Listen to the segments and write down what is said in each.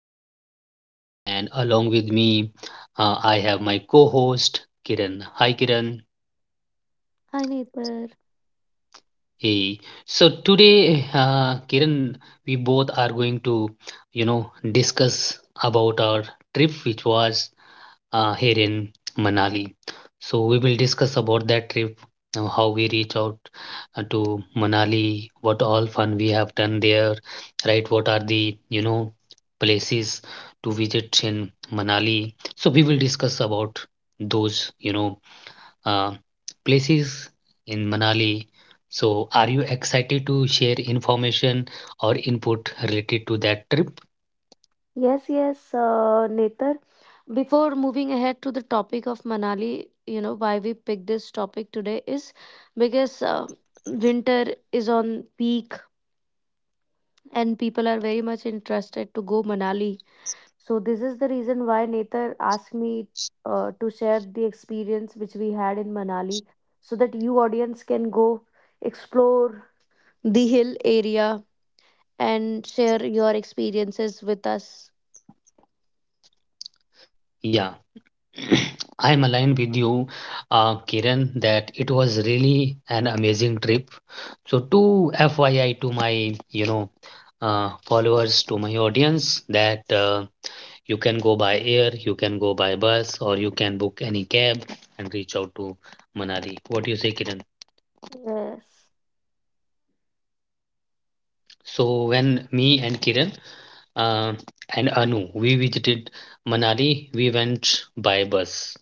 host, and along with me, I have my co host Kiran. Hi Kiran. Hi, Netar. Hey. So today, Kiran, we both are going to, discuss about our trip, which was here in Manali. So we will discuss about that trip, how we reach out to Manali, what all fun we have done there, right? What are the, places to visit in Manali. So we will discuss about those, uh, places in Manali. So are you excited to share information or input related to that trip? Yes, yes, Netar, before moving ahead to the topic of Manali, why we picked this topic today is because winter is on peak and people are very much interested to go Manali. So this is the reason why Netar asked me to share the experience which we had in Manali so that you, audience, can go explore the hill area and share your experiences with us. Yeah. I'm aligned with you, Kiran, that it was really an amazing trip. So, to FYI, to my followers, to my audience, that you can go by air, you can go by bus, or you can book any cab and reach out to Manali. What do you say, Kiran? Yes. So, when me and Kiran uh, and Anu we visited Manali, we went by bus.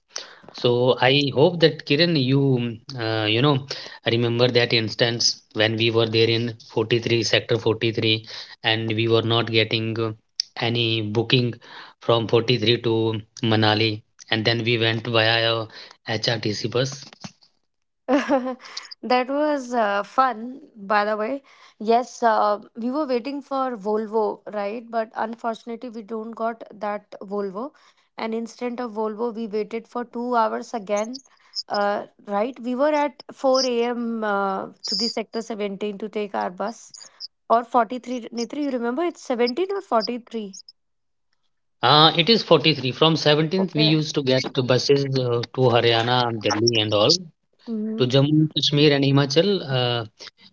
So I hope that Kiran, you mm, you know remember that instance when we were there in 43 sector 43 and we were not getting any booking from 43 to Manali, and then we went via HRTC bus. That was fun, by the way. Yes, we were waiting for Volvo, right? But unfortunately, we don't got that Volvo. And instead of Volvo, we waited for 2 hours again, right? We were at 4 a.m. To the sector 17 to take our bus, or 43. Nitri, you remember it's 17 or 43? It is 43 from 17th we Okay. used to get the buses to Haryana, Delhi and all, to Mm-hmm. Jammu, Kashmir and Himachal. Uh,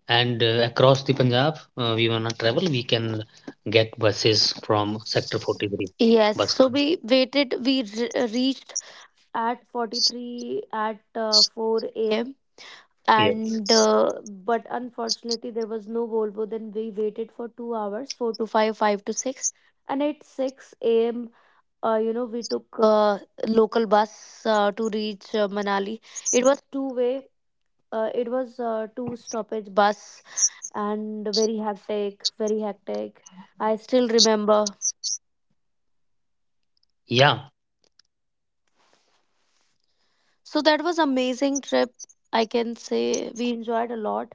and uh, across the Punjab, we wanna travel, we can get buses from Sector 43 Yes, bus. so we waited, reached at 43 at 4 a.m. Yes. And but unfortunately there was no Volvo. Then we waited for 2 hours, 4 to 5, 5 to 6, and at 6 a.m. We took local bus to reach Manali. It was two way, it was two stoppage bus, and very hectic, very hectic, I still remember. Yeah. So that was amazing trip, I can say we enjoyed a lot.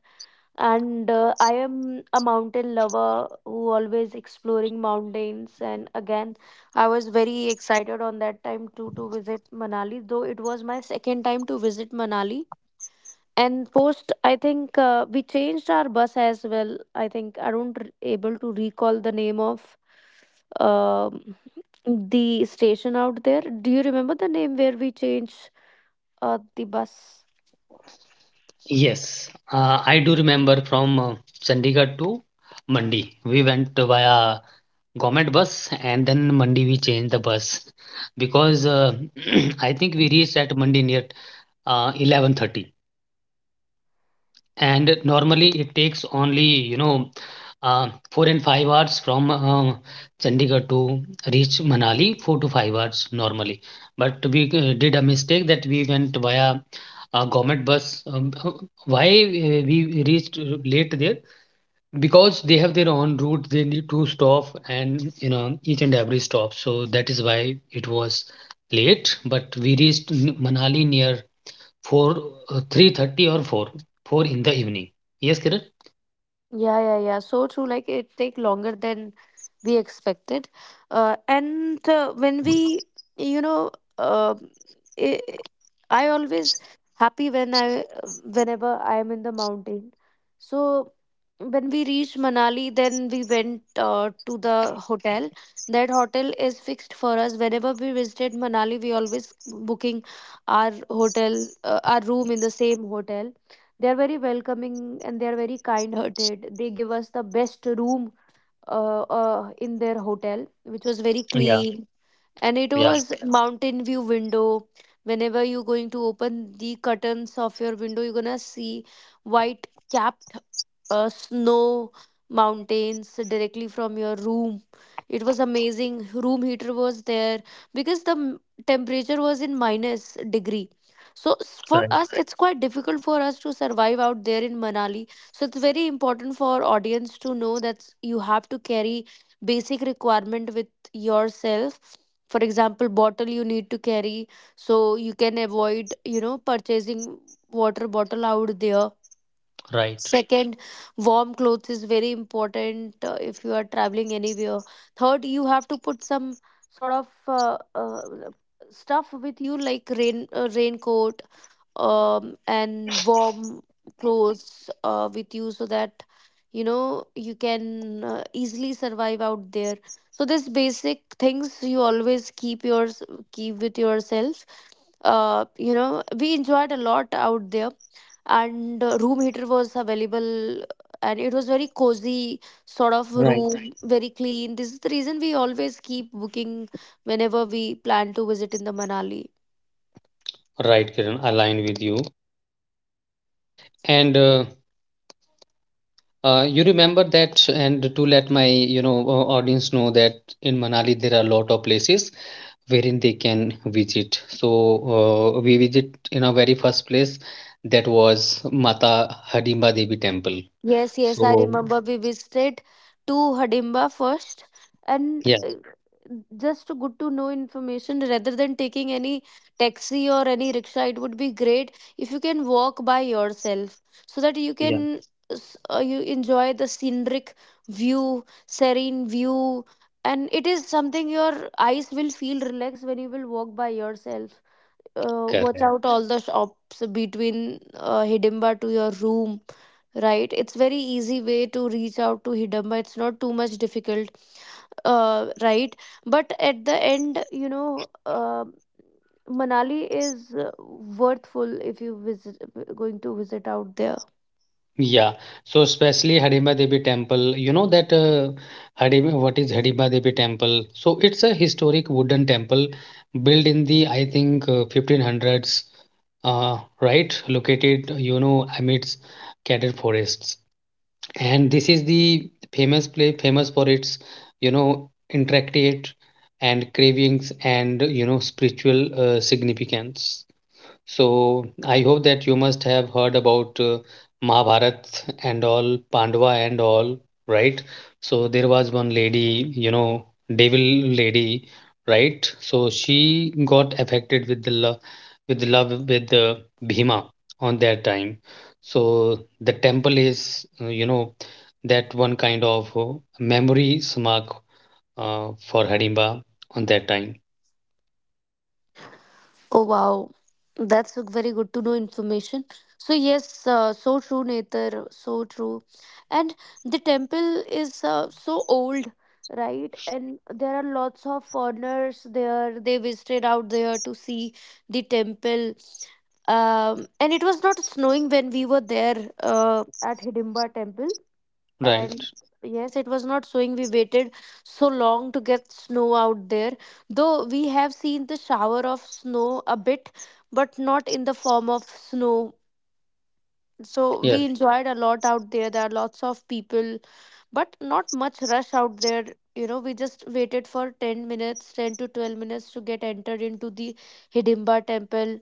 And I am a mountain lover who always exploring mountains, and again I was very excited on that time too to visit Manali, though it was my second time to visit Manali. And post, I think we changed our bus as well. I think I don't r able to recall the name of um the station out there. Do you remember the name where we changed the bus? Yes. I do remember from Chandigarh to Mandi. We went via government bus, and then Mandi we changed the bus because I think we reached at Mandi near 11:30, and normally it takes only 4 and 5 hours from Chandigarh to reach Manali, 4 to 5 hours normally. But we did a mistake that we went via a government bus. Why we reached late there? Because they have their own route. They need to stop and each and every stop. So that is why it was late. But we reached Manali near 4, 3:30 or 4, 4 in the evening. Yes, Kiran? Yeah, yeah, yeah. So true. Like it take longer than we expected. And when we, you know, uh, I, I always happy when I, whenever I am in the mountain. So when we reached Manali, then we went to the hotel. That hotel is fixed for us. Whenever we visited Manali, we always booking our hotel, our room in the same hotel. They are very welcoming and they are very kind hearted. They give us the best room, in their hotel, which was very Yeah, clean. And it yeah, was mountain view window. Whenever you're going to open the curtains of your window, you're gonna see white capped snow mountains directly from your room. It was amazing. Room heater was there because temperature was in minus degree. So for right, us, it's quite difficult for us to survive out there in Manali. So it's very important for audience to know that you have to carry basic requirement with yourself. For example, bottle you need to carry, so you can avoid purchasing water bottle out there. right, Second, warm clothes is very important if you are traveling anywhere. Third, you have to put some sort of stuff with you, like rain raincoat, and warm clothes with you, so that you can easily survive out there. So these basic things you always keep yours, keep with yourself. We enjoyed a lot out there, and room heater was available, and it was very cozy sort of right. room. Right. Very clean. This is the reason we always keep booking whenever we plan to visit in the Manali. Right, Kiran, align with you. And you remember that, and to let my audience know that in Manali there are a lot of places wherein they can visit. So we visit in our very first place, that was Mata Hidimba Devi Temple. Yes, yes, So I remember we visited to Hadimba first, and yeah, uh, just good to know information: rather than taking any taxi or any rickshaw, it would be great if you can walk by yourself, so that you yeah, can you enjoy the scenic view, serene view, and it is something your eyes will feel relaxed when you will walk by yourself, watch out correct. all the shops between Hidimba to your room, right? It's very easy way to reach out to Hidimba. It's not too much difficult, right? But at the end, Manali is worthful if you visit going to visit out there. Yeah, so especially Harimba Devi Temple, what is Harimba Devi Temple? So it's a historic wooden temple built in the, I think, 1500s, right? Located, amidst cedar forests, and this is the famous play famous for its, intricate and cravings, and spiritual significance. So I hope that you must have heard about Mahabharat and all, Pandava and all, right? So there was one lady, devil lady, right? So she got affected with the love, with the Bhima on that time. So the temple is, that one kind of memory smack for Harimba on that time, Oh wow, that's a very good to know information. So yes, so true, Nether, so true. And the temple is so old, right? And there are lots of foreigners there. They visited out there to see the temple. And it was not snowing when we were there at Hidimba temple, right? and yes, it was not snowing. We waited so long to get snow out there. Though we have seen the shower of snow a bit, but not in the form of snow, so Yeah, we enjoyed a lot out there. There are lots of people but not much rush out there. You know, we just waited for 10 minutes, 10 to 12 minutes to get entered into the hidimba temple.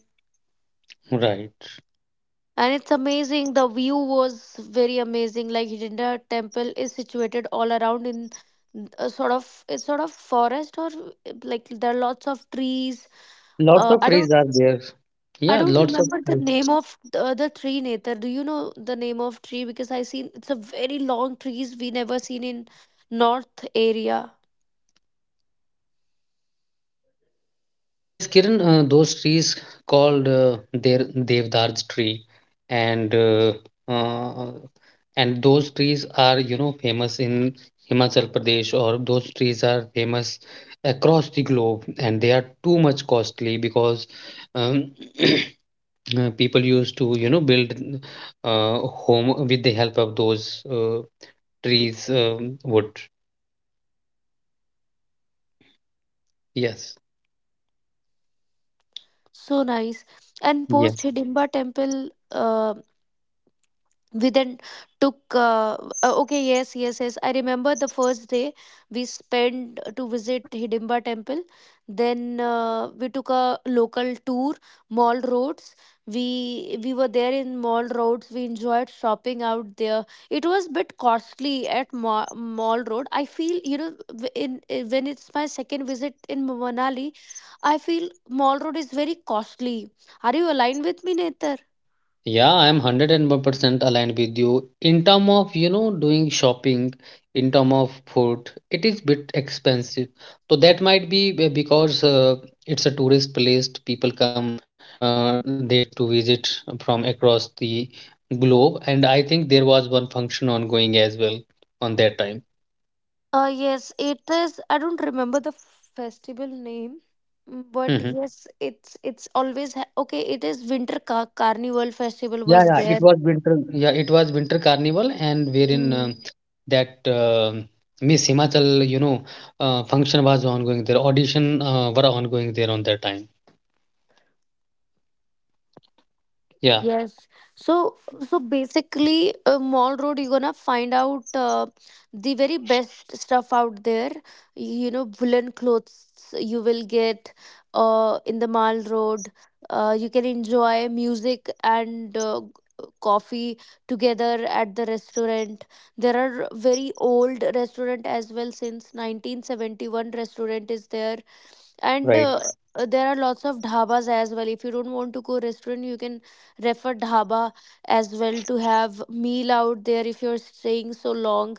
right. And it's amazing, the view was very amazing. Like hidinda temple is situated all around in a sort of, it's sort of forest or like there are lots of trees. Lots uh, of i trees don't are there. i Yeah, don't lots of remember the trees. name of the other tree. Nether, do you know the name of tree? Because I seen it's a very long trees, we never seen in north area. Yes, Kiran, those trees called their Devdar's tree, and uh, uh, and those trees are famous in Himachal Pradesh, or those trees are famous across the globe, and they are too much costly because um, people used to build home with the help of those trees wood. Yes. So nice. And post Yes. hidimba temple, we then took okay, yes, yes, yes, I remember. The first day we spent to visit hidimba temple, then we took a local tour, mall roads. We were there in mall roads, we enjoyed shopping out there. It was a bit costly at mall road. I feel, you know, in when it's my second visit in manali, I feel mall road is very costly. Are you aligned with me, netar? Yeah, I'm 101% aligned with you. In term of, doing shopping, in term of food, it is bit expensive. So that might be because it's a tourist place. People come there to visit from across the globe. And I think there was one function ongoing as well on that time. Yes, it is. I don't remember the festival name, mm, but Mm-hmm. yes, it's always ha okay. It is Winter Car Carnival Festival Yeah, was yeah, it there. was winter. Yeah, it was winter carnival, and wherein Mm. that Miss Himachal, function was ongoing there. Audition were ongoing there on that time. Yeah, Yes. So, so basically, Mall Road, you're gonna find out the very best stuff out there. You know, woolen clothes you will get in the Mall Road. You can enjoy music and coffee together at the restaurant. There are very old restaurant as well, since 1971 restaurant is there. And right, there are lots of dhabas as well. If you don't want to go restaurant, you can refer dhaba as well to have meal out there if you're staying so long.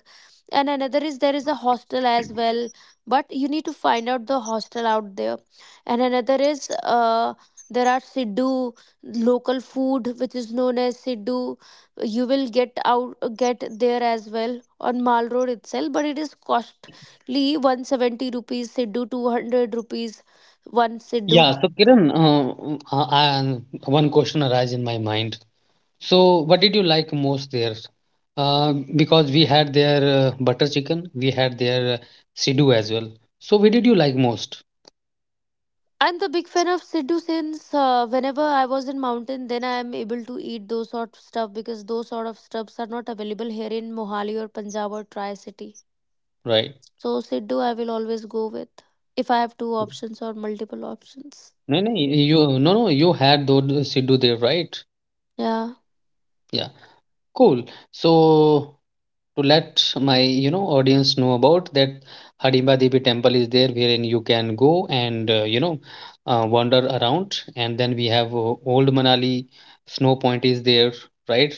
And another is, there is a hostel as well, but you need to find out the hostel out there. And another is there are siddu, local food which is known as siddu. You will get out get there as well on mall road itself, but it is costly, 170 rupees siddu, 200 rupees one siddu. yeah. So Kiran, one question arises in my mind. So, what did you like most there? Because we had their butter chicken, we had their sidhu as well. So, what did you like most? I'm the big fan of Sidhu since whenever I was in mountain, then I am able to eat those sort of stuff, because those sort of stuffs are not available here in Mohali or Punjab or Tri-City. Right? So Sidhu, I will always go with if I have two options or multiple options. No, no, you no, no. You had those sidhu there, right? Yeah. Yeah, cool. So, to let my audience know about that Harimba Devi temple is there wherein you can go and wander around, and then we have Old Manali Snow Point is there, right,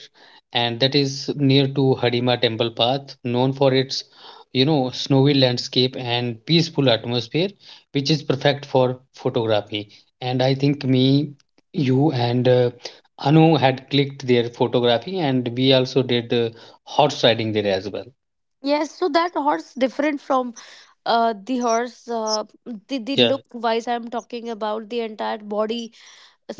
and that is near to Harimba temple path, known for its snowy landscape and peaceful atmosphere, which is perfect for photography. And I think me, you, and Anu had clicked their photography, and we also did horse riding there as well. Yes. So that horse different from the horse. The Yeah, look wise, I'm talking about the entire body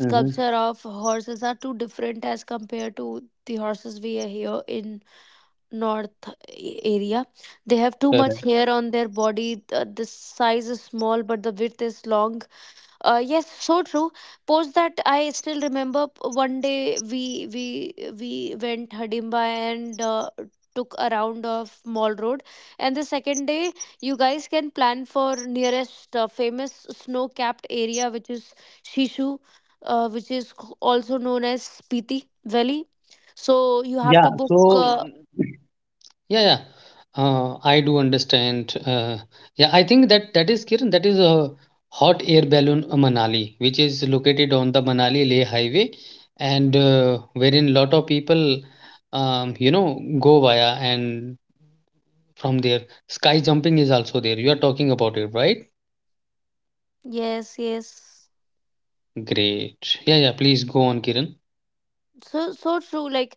mm-hmm, of horses are too different as compared to the horses we are here in north area. They have too much correct. hair on their body. The size is small, but the width is long. Yes, so true. Post that, I still remember, one day we went Hadimba and took a round of mall road. And the second day, you guys can plan for nearest famous snow capped area, which is shishu, which is also known as spiti valley. So you have Yeah. to book So, yeah, yeah. I do understand. Yeah, I think that that is Kiran. That is a hot air balloon Manali, which is located on the Manali Leh Highway, and wherein lot of people, go via and from there. Sky jumping is also there. You are talking about it, right? yes, yes. Great. Yeah, yeah. Please go on, Kiran. So so true. Like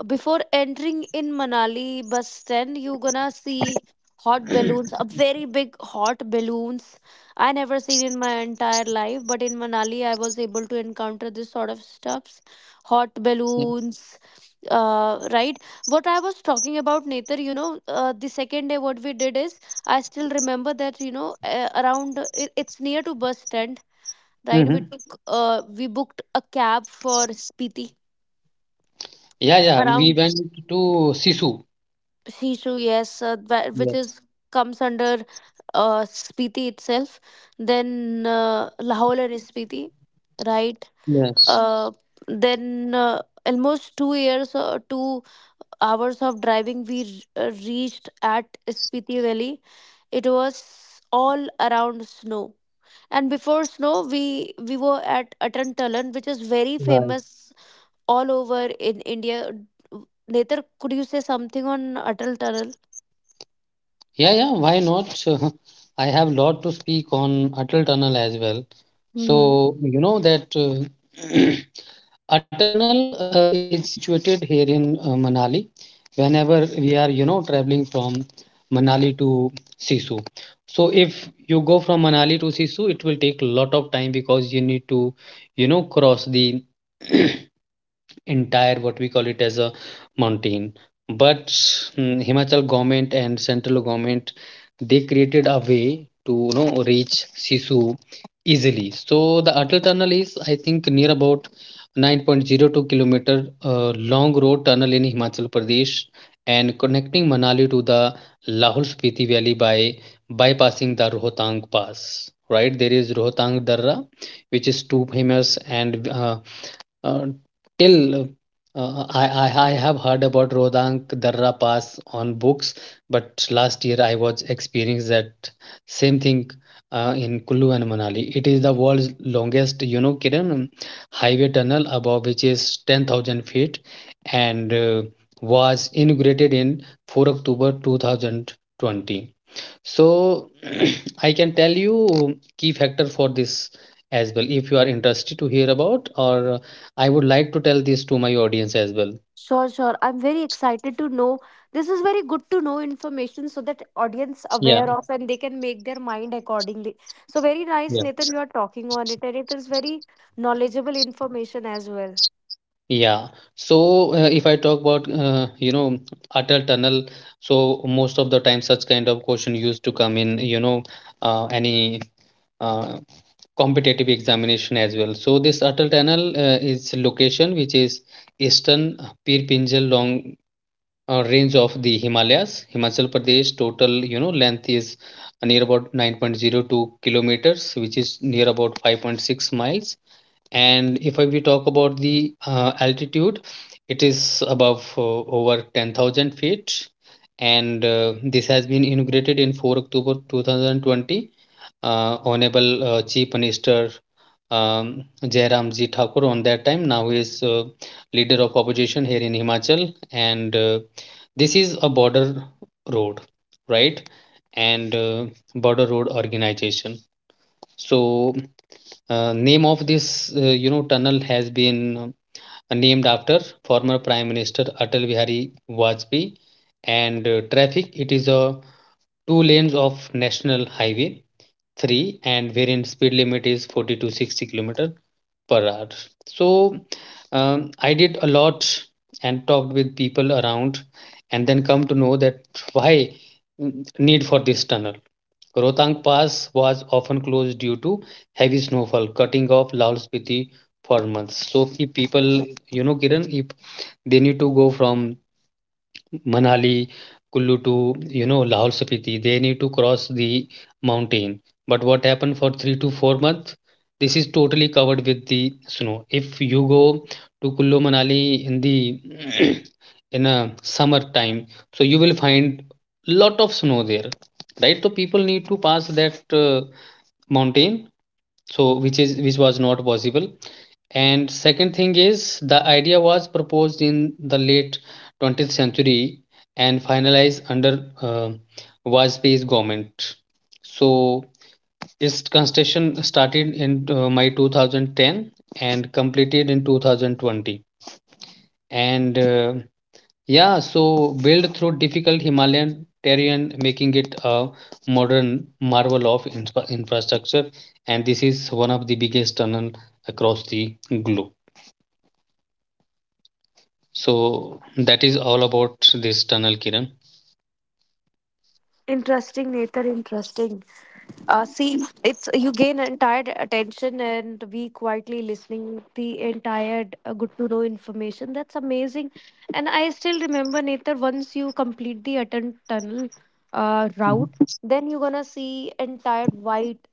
before entering in Manali bus stand, you gonna see hot balloons, a very big hot balloons. I never seen in my entire life, but in Manali I was able to encounter this sort of stuffs, hot Yeah, balloons. Right. What I was talking about, Nether, you know, the second day what we did is, I still remember that, you know, around it, it's near to bus stand, right? We mm-hmm, took uh, we booked a cab for spiti, yeah, yeah. We around went to Sisu. shishu. Yes, which is comes under uh, spiti itself, then lahore and spiti, right? Yes, uh then Almost 2 years, 2 hours of driving, we reached at spiti valley. It was all around snow. And before snow, we were at atantalan, which is very right. famous all over in India. Netar, could you say something on Atal Tunnel? Yeah, yeah, why not? I have lot to speak on Atal Tunnel as well. Mm-hmm. So, you know that Atal Tunnel is situated here in Manali. Whenever we are, traveling from Manali to Sisu. So if you go from Manali to Sisu, it will take a lot of time because you need to, cross the entire what we call it as a mountain. But Himachal government and central government, they created a way to reach Sisu easily. So the Atal Tunnel is, I think, near about 9.02 kilometer long road tunnel in Himachal Pradesh, and connecting Manali to the Lahul Spiti Valley by bypassing the Rohtang Pass, right? There is Rohtang Darra, which is too famous. And uh, uh, till I have heard about Rodang Darra Pass on books, but last year I was experienced that same thing in Kullu and Manali. It is the world's longest, Kiran, highway tunnel above, which is 10,000 feet, and was inaugurated in 4 October 2020. So I can tell you key factor for this as well, if you are interested to hear about, or I would like to tell this to my audience as well. Sure, sure. I'm very excited to know. This is very good to know information so that audience aware Yeah, of and they can make their mind accordingly. So very nice, yeah. Nathan. You are talking on it, and it is very knowledgeable information as well. Yeah. So if I talk about Atal Tunnel, so most of the time such kind of question used to come in any uh, competitive examination as well. So this Atal Tunnel is location, which is Eastern Pir Pinjal long range of the Himalayas. Himachal Pradesh. Total, length is near about 9.02 kilometers, which is near about 5.6 miles. And if we talk about the altitude, it is above over 10,000 feet. And this has been inaugurated in 4 october 2020, honorable chief minister um, Jairam Ji Thakur on that time. Now he is leader of opposition here in Himachal. And this is a border road, right. And border road organization. So name of this tunnel has been named after former Prime Minister Atal Bihari Vajpayee. And traffic, it is a two lanes of National Highway 3, and wherein speed limit is 40 to 60 kilometer per hour. So I did a lot and talked with people around, and then come to know that why need for this tunnel. Rohtang Pass was often closed due to heavy snowfall, cutting off Laos Spiti for months. So, if people, Kiran, if they need to go from Manali, Kullu to, Lahore Spiti. They need to cross the mountain. But what happened for 3 to 4 months? This is totally covered with the snow. If you go to Kullu Manali in the in a summer time, so you will find lot of snow there, right? So people need to pass that mountain, so which was not possible. And second thing is, the idea was proposed in the late 20th century and finalized under Vajpayee's government. So its construction started in May 2010 and completed in 2020. And yeah, so built through difficult Himalayan terrain, making it a modern marvel of infrastructure. And this is one of the biggest tunnel across the globe. So that is all about this tunnel, Kiran. Interesting, Nathan. Interesting. See, it's you gain entire attention and be quietly listening the entire good to know information. That's amazing, and I still remember, Nether. Once you complete the Atten tunnel Mhm. route, then you're gonna see entire white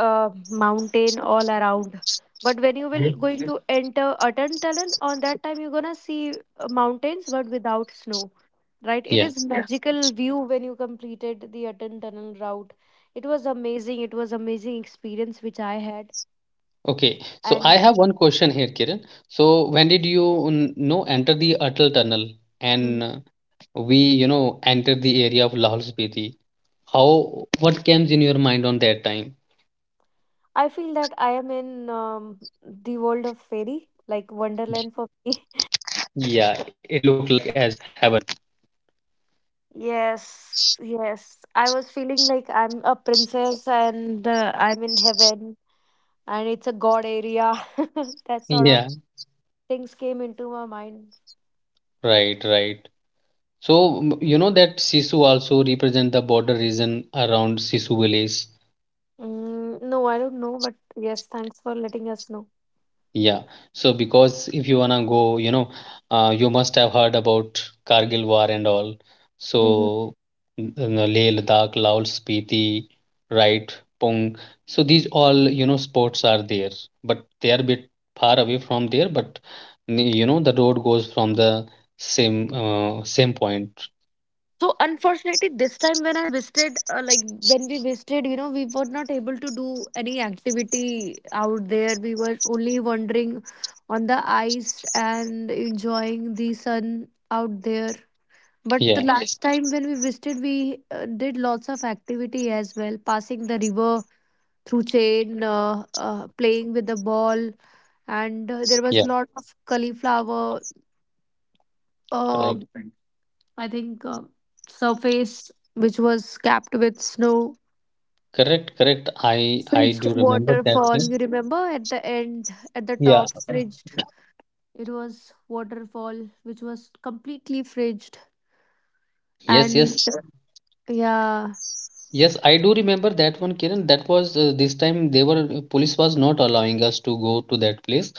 mountain all around. But when you Yeah. will going to enter Atten tunnel, on that time you're gonna see mountains but without snow, right? It Yeah. is, yes, magical view when you completed the Atan tunnel route. It was amazing, it was amazing experience which I had. Okay. So And I have one question here, Kiran. So when did you know enter the Atal Tunnel Mhm. and we, you know, enter the area of Lahul Spiti? How, what comes in your mind on that time? I feel that I am in the world of fairy, like wonderland for me. Yeah, it looked like as heaven. Yes, yes, I was feeling like I'm a princess and I'm in heaven, and it's a god area. That sort of Yeah, things came into my mind. right, right. So you know that Sisu also represent the border region around Sisu village. Mm, no, I don't know, but yes, thanks for letting us know. Yeah. So because if you wanna go, you know, you must have heard about Kargil War and all. Mhm. So Leh, Ladakh, Laos, Spiti, right, Pong. So these all, you know, sports are there, but they are a bit far away from there. But you know, the road goes from the same point. So unfortunately, this time when I visited, like when we visited, you know, we were not able to do any activity out there. We were only wandering on the ice and enjoying the sun out there. But the, Yeah. yeah, last time when we visited, we did lots of activity as well, passing the river through chain, playing with the ball, and there was Yeah. lot of cauliflower. Uh, Right. I think surface which was capped with snow, Correct. Correct. I do fridged remember that waterfall. thing. You remember at the end, at the Yeah. top, fridged. It was waterfall which was completely fridged, Yes. and Yes. yeah, Yes, I do remember that one, Kiran. That was this time they were police was not allowing us to go to that place.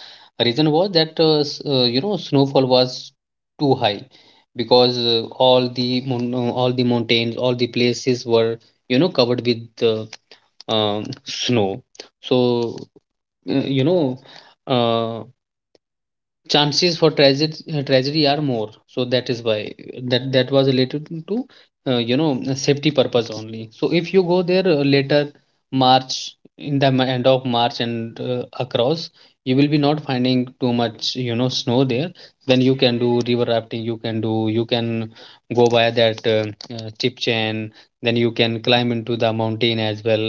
Reason was that you know snowfall was too high because all the mon all the mountains, all the places were you know covered with um, snow. So uh, you know. Uh, chances for tragedy are more, so that is why that was related to you know a safety purpose only. So if you go there later March in the end of March and across, you will be not finding too much you know snow there. Then you can do river rafting, you can do, you can go by that chip chain. Then you can climb into the mountain as well.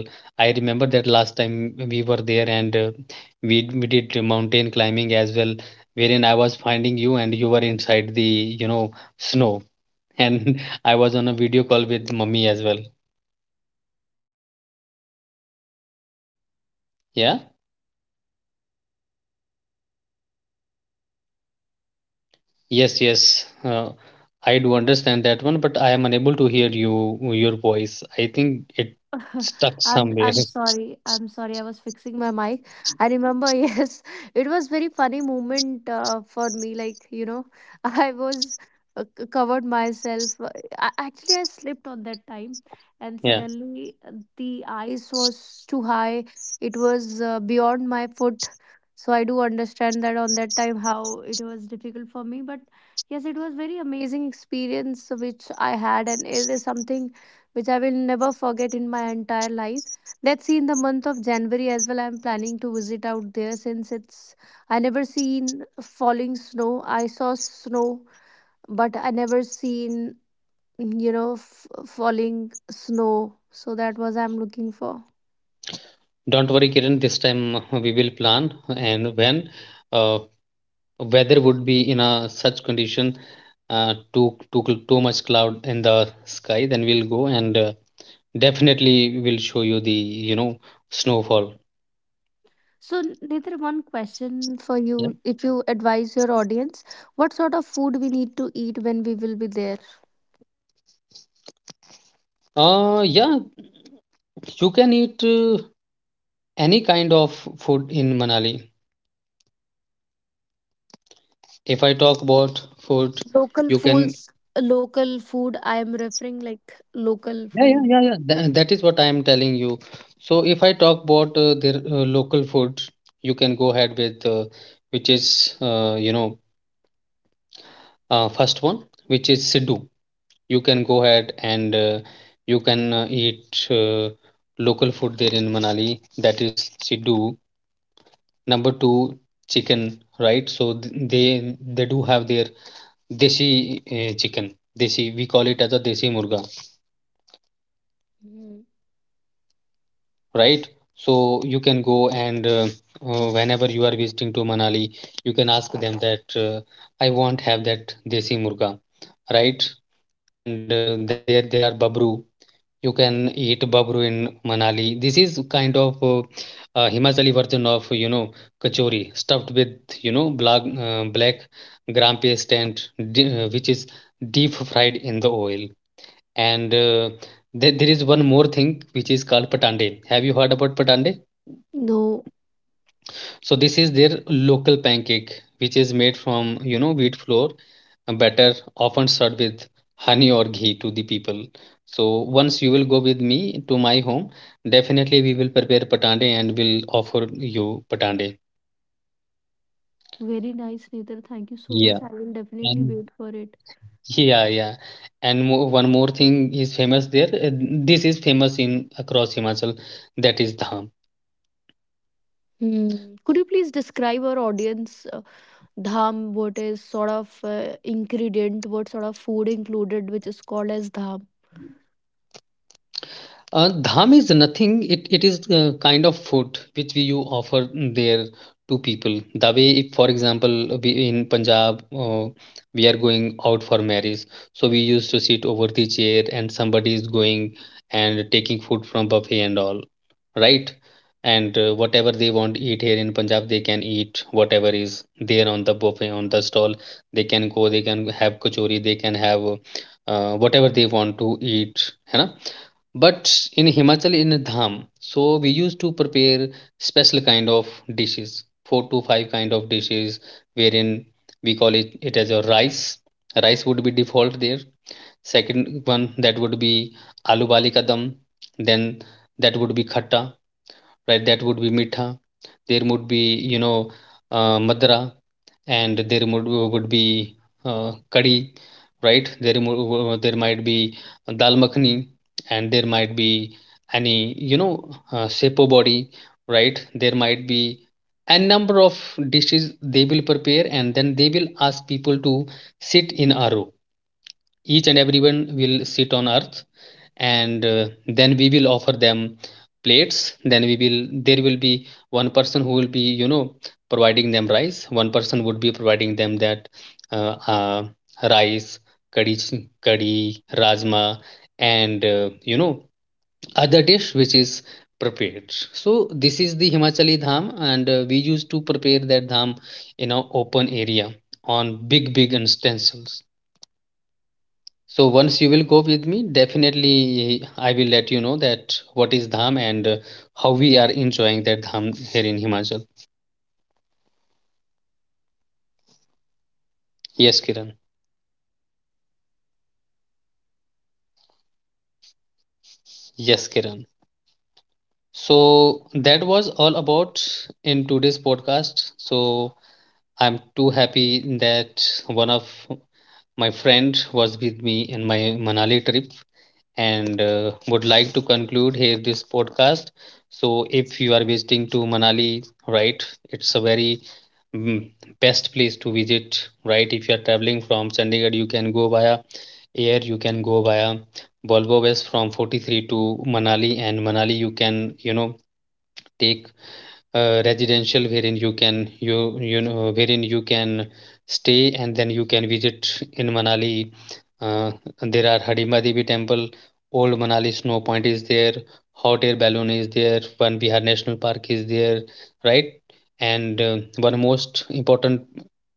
I remember that last time we were there and we did mountain climbing as well, wherein I was finding you and you were inside the, you know, snow. And I was on a video call with mummy as well. Yeah. Yes, yes. I do understand that one, but I am unable to hear you, your voice. I think it stuck I'm somewhere. I'm sorry. I'm sorry. I was fixing my mic. I remember, yes, it was very funny moment for me. Like you know, I was covered myself. I, actually, I slipped on that time, and Yeah. suddenly the ice was too high. It was beyond my foot. So I do understand that on that time how it was difficult for me, but yes, it was very amazing experience which I had, and it is something which I will never forget in my entire life. Let's see, in the month of january as well, I'm planning to visit out there, since it's, I never seen falling snow. I saw snow, but I never seen, you know, falling snow. So that was I'm looking for. Don't worry, Kiran. This time we will plan, and when uh, weather would be in a such condition, too much cloud in the sky, then we'll go and definitely will show you the, you know, snowfall. So, Nithir, one question for Yeah. you. If you advise your audience, what sort of food we need to eat when we will be there? Yeah, you can eat any kind of food in Manali. If I talk about food, Local you can. foods, local food. I am referring like local Yeah, yeah, food. yeah, yeah. That is what I am telling you. So if I talk about their local food, you can go ahead with which is you know first one, which is Siddu. You can go ahead and you can eat local food there in Manali. That is Siddu, number two, chicken, right? So they do have their desi chicken. Desi, we call it as a desi murga, Mhm. right? So you can go and whenever you are visiting to Manali, you can ask them that I want have that desi murga, right? And then there are babru. You can eat babru in Manali. This is kind of Himachali version of you know kachori, stuffed with you know black gram paste and which is deep fried in the oil. And there is one more thing which is called patande. Have you heard about patande? No, So this is their local pancake, which is made from you know wheat flour, a batter often served with honey or ghee to the people. So once you will go with me to my home, definitely we will prepare patande and will offer you patande. very nice, Nithir. Thank you so Yeah, much. I will definitely and wait for it. yeah, yeah, and mo one more thing is famous there. This is famous in across Himachal, that is dham. Hmm. Could you please describe our audience dham? What is sort of ingredient? What sort of food included, which is called as dham? Dham is nothing. It is kind of food which we you offer there to people. The way, if, for example, we in Punjab we are going out for marriage, so we used to sit over the chair and somebody is going and taking food from buffet and all, right? And whatever they want eat here in Punjab, they can eat whatever is there on the buffet on the stall. They can go, they can have kachori, they can have whatever they want to eat, है ना? But in Himachal in Dham, so we used to prepare special kind of dishes, four to five kind of dishes, wherein we call it as a rice. Rice would be default there. Second one that would be aloo bali kadam. Then that would be khatta, right? That would be Mitha. There would be, you know, Madra, and there would be Kadi, right? There, there might be Dal Makhani, and there might be any, you know, Sepo body, right? There might be a number of dishes they will prepare, and then they will ask people to sit in a row. Each and everyone will sit on earth, and then we will offer them plates. Then we will, there will be one person who will be you know providing them rice, one person would be providing them that uh, uh, rice, curry, curry, rajma, and you know other dish which is prepared. So this is the Himachali dham, and we used to prepare that dham in an open area on big big utensils. So once you will go with me, definitely I will let you know that what is Dham and how we are enjoying that Dham here in Himachal. Yes, Kiran. Yes, Kiran. So that was all about in today's podcast. So I'm too happy that one of my friend was with me in my Manali trip, and would like to conclude here this podcast. So, if you are visiting to Manali, right, it's a very mm, best place to visit, right? If you are traveling from Chandigarh, you can go via air, you can go via Volvo bus from 43 to Manali, and Manali, you can, you know, take residential wherein you can you know wherein you can stay and then you can visit in Manali. Uh, there are Hadimba Devi Temple, Old Manali Snow Point is there, Hot Air Balloon is there, One Bihar National Park is there, right? And one most important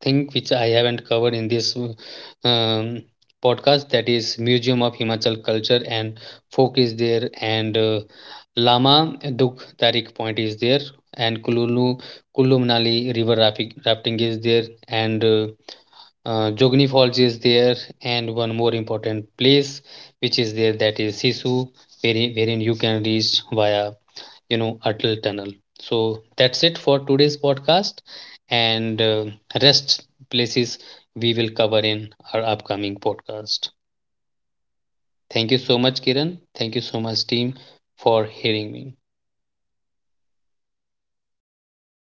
thing which I haven't covered in this podcast, that is Museum of Himachal Culture and Folk is there, and Lama Duk Tarik Point is there, and Kullu Manali river rafting, rafting is there, and Jogni Falls is there, and one more important place which is there, that is Sisu, wherein, wherein you can reach via you know Atal Tunnel. So that's it for today's podcast, and rest places we will cover in our upcoming podcast. Thank you so much, Kiran. Thank you so much, team, for hearing me.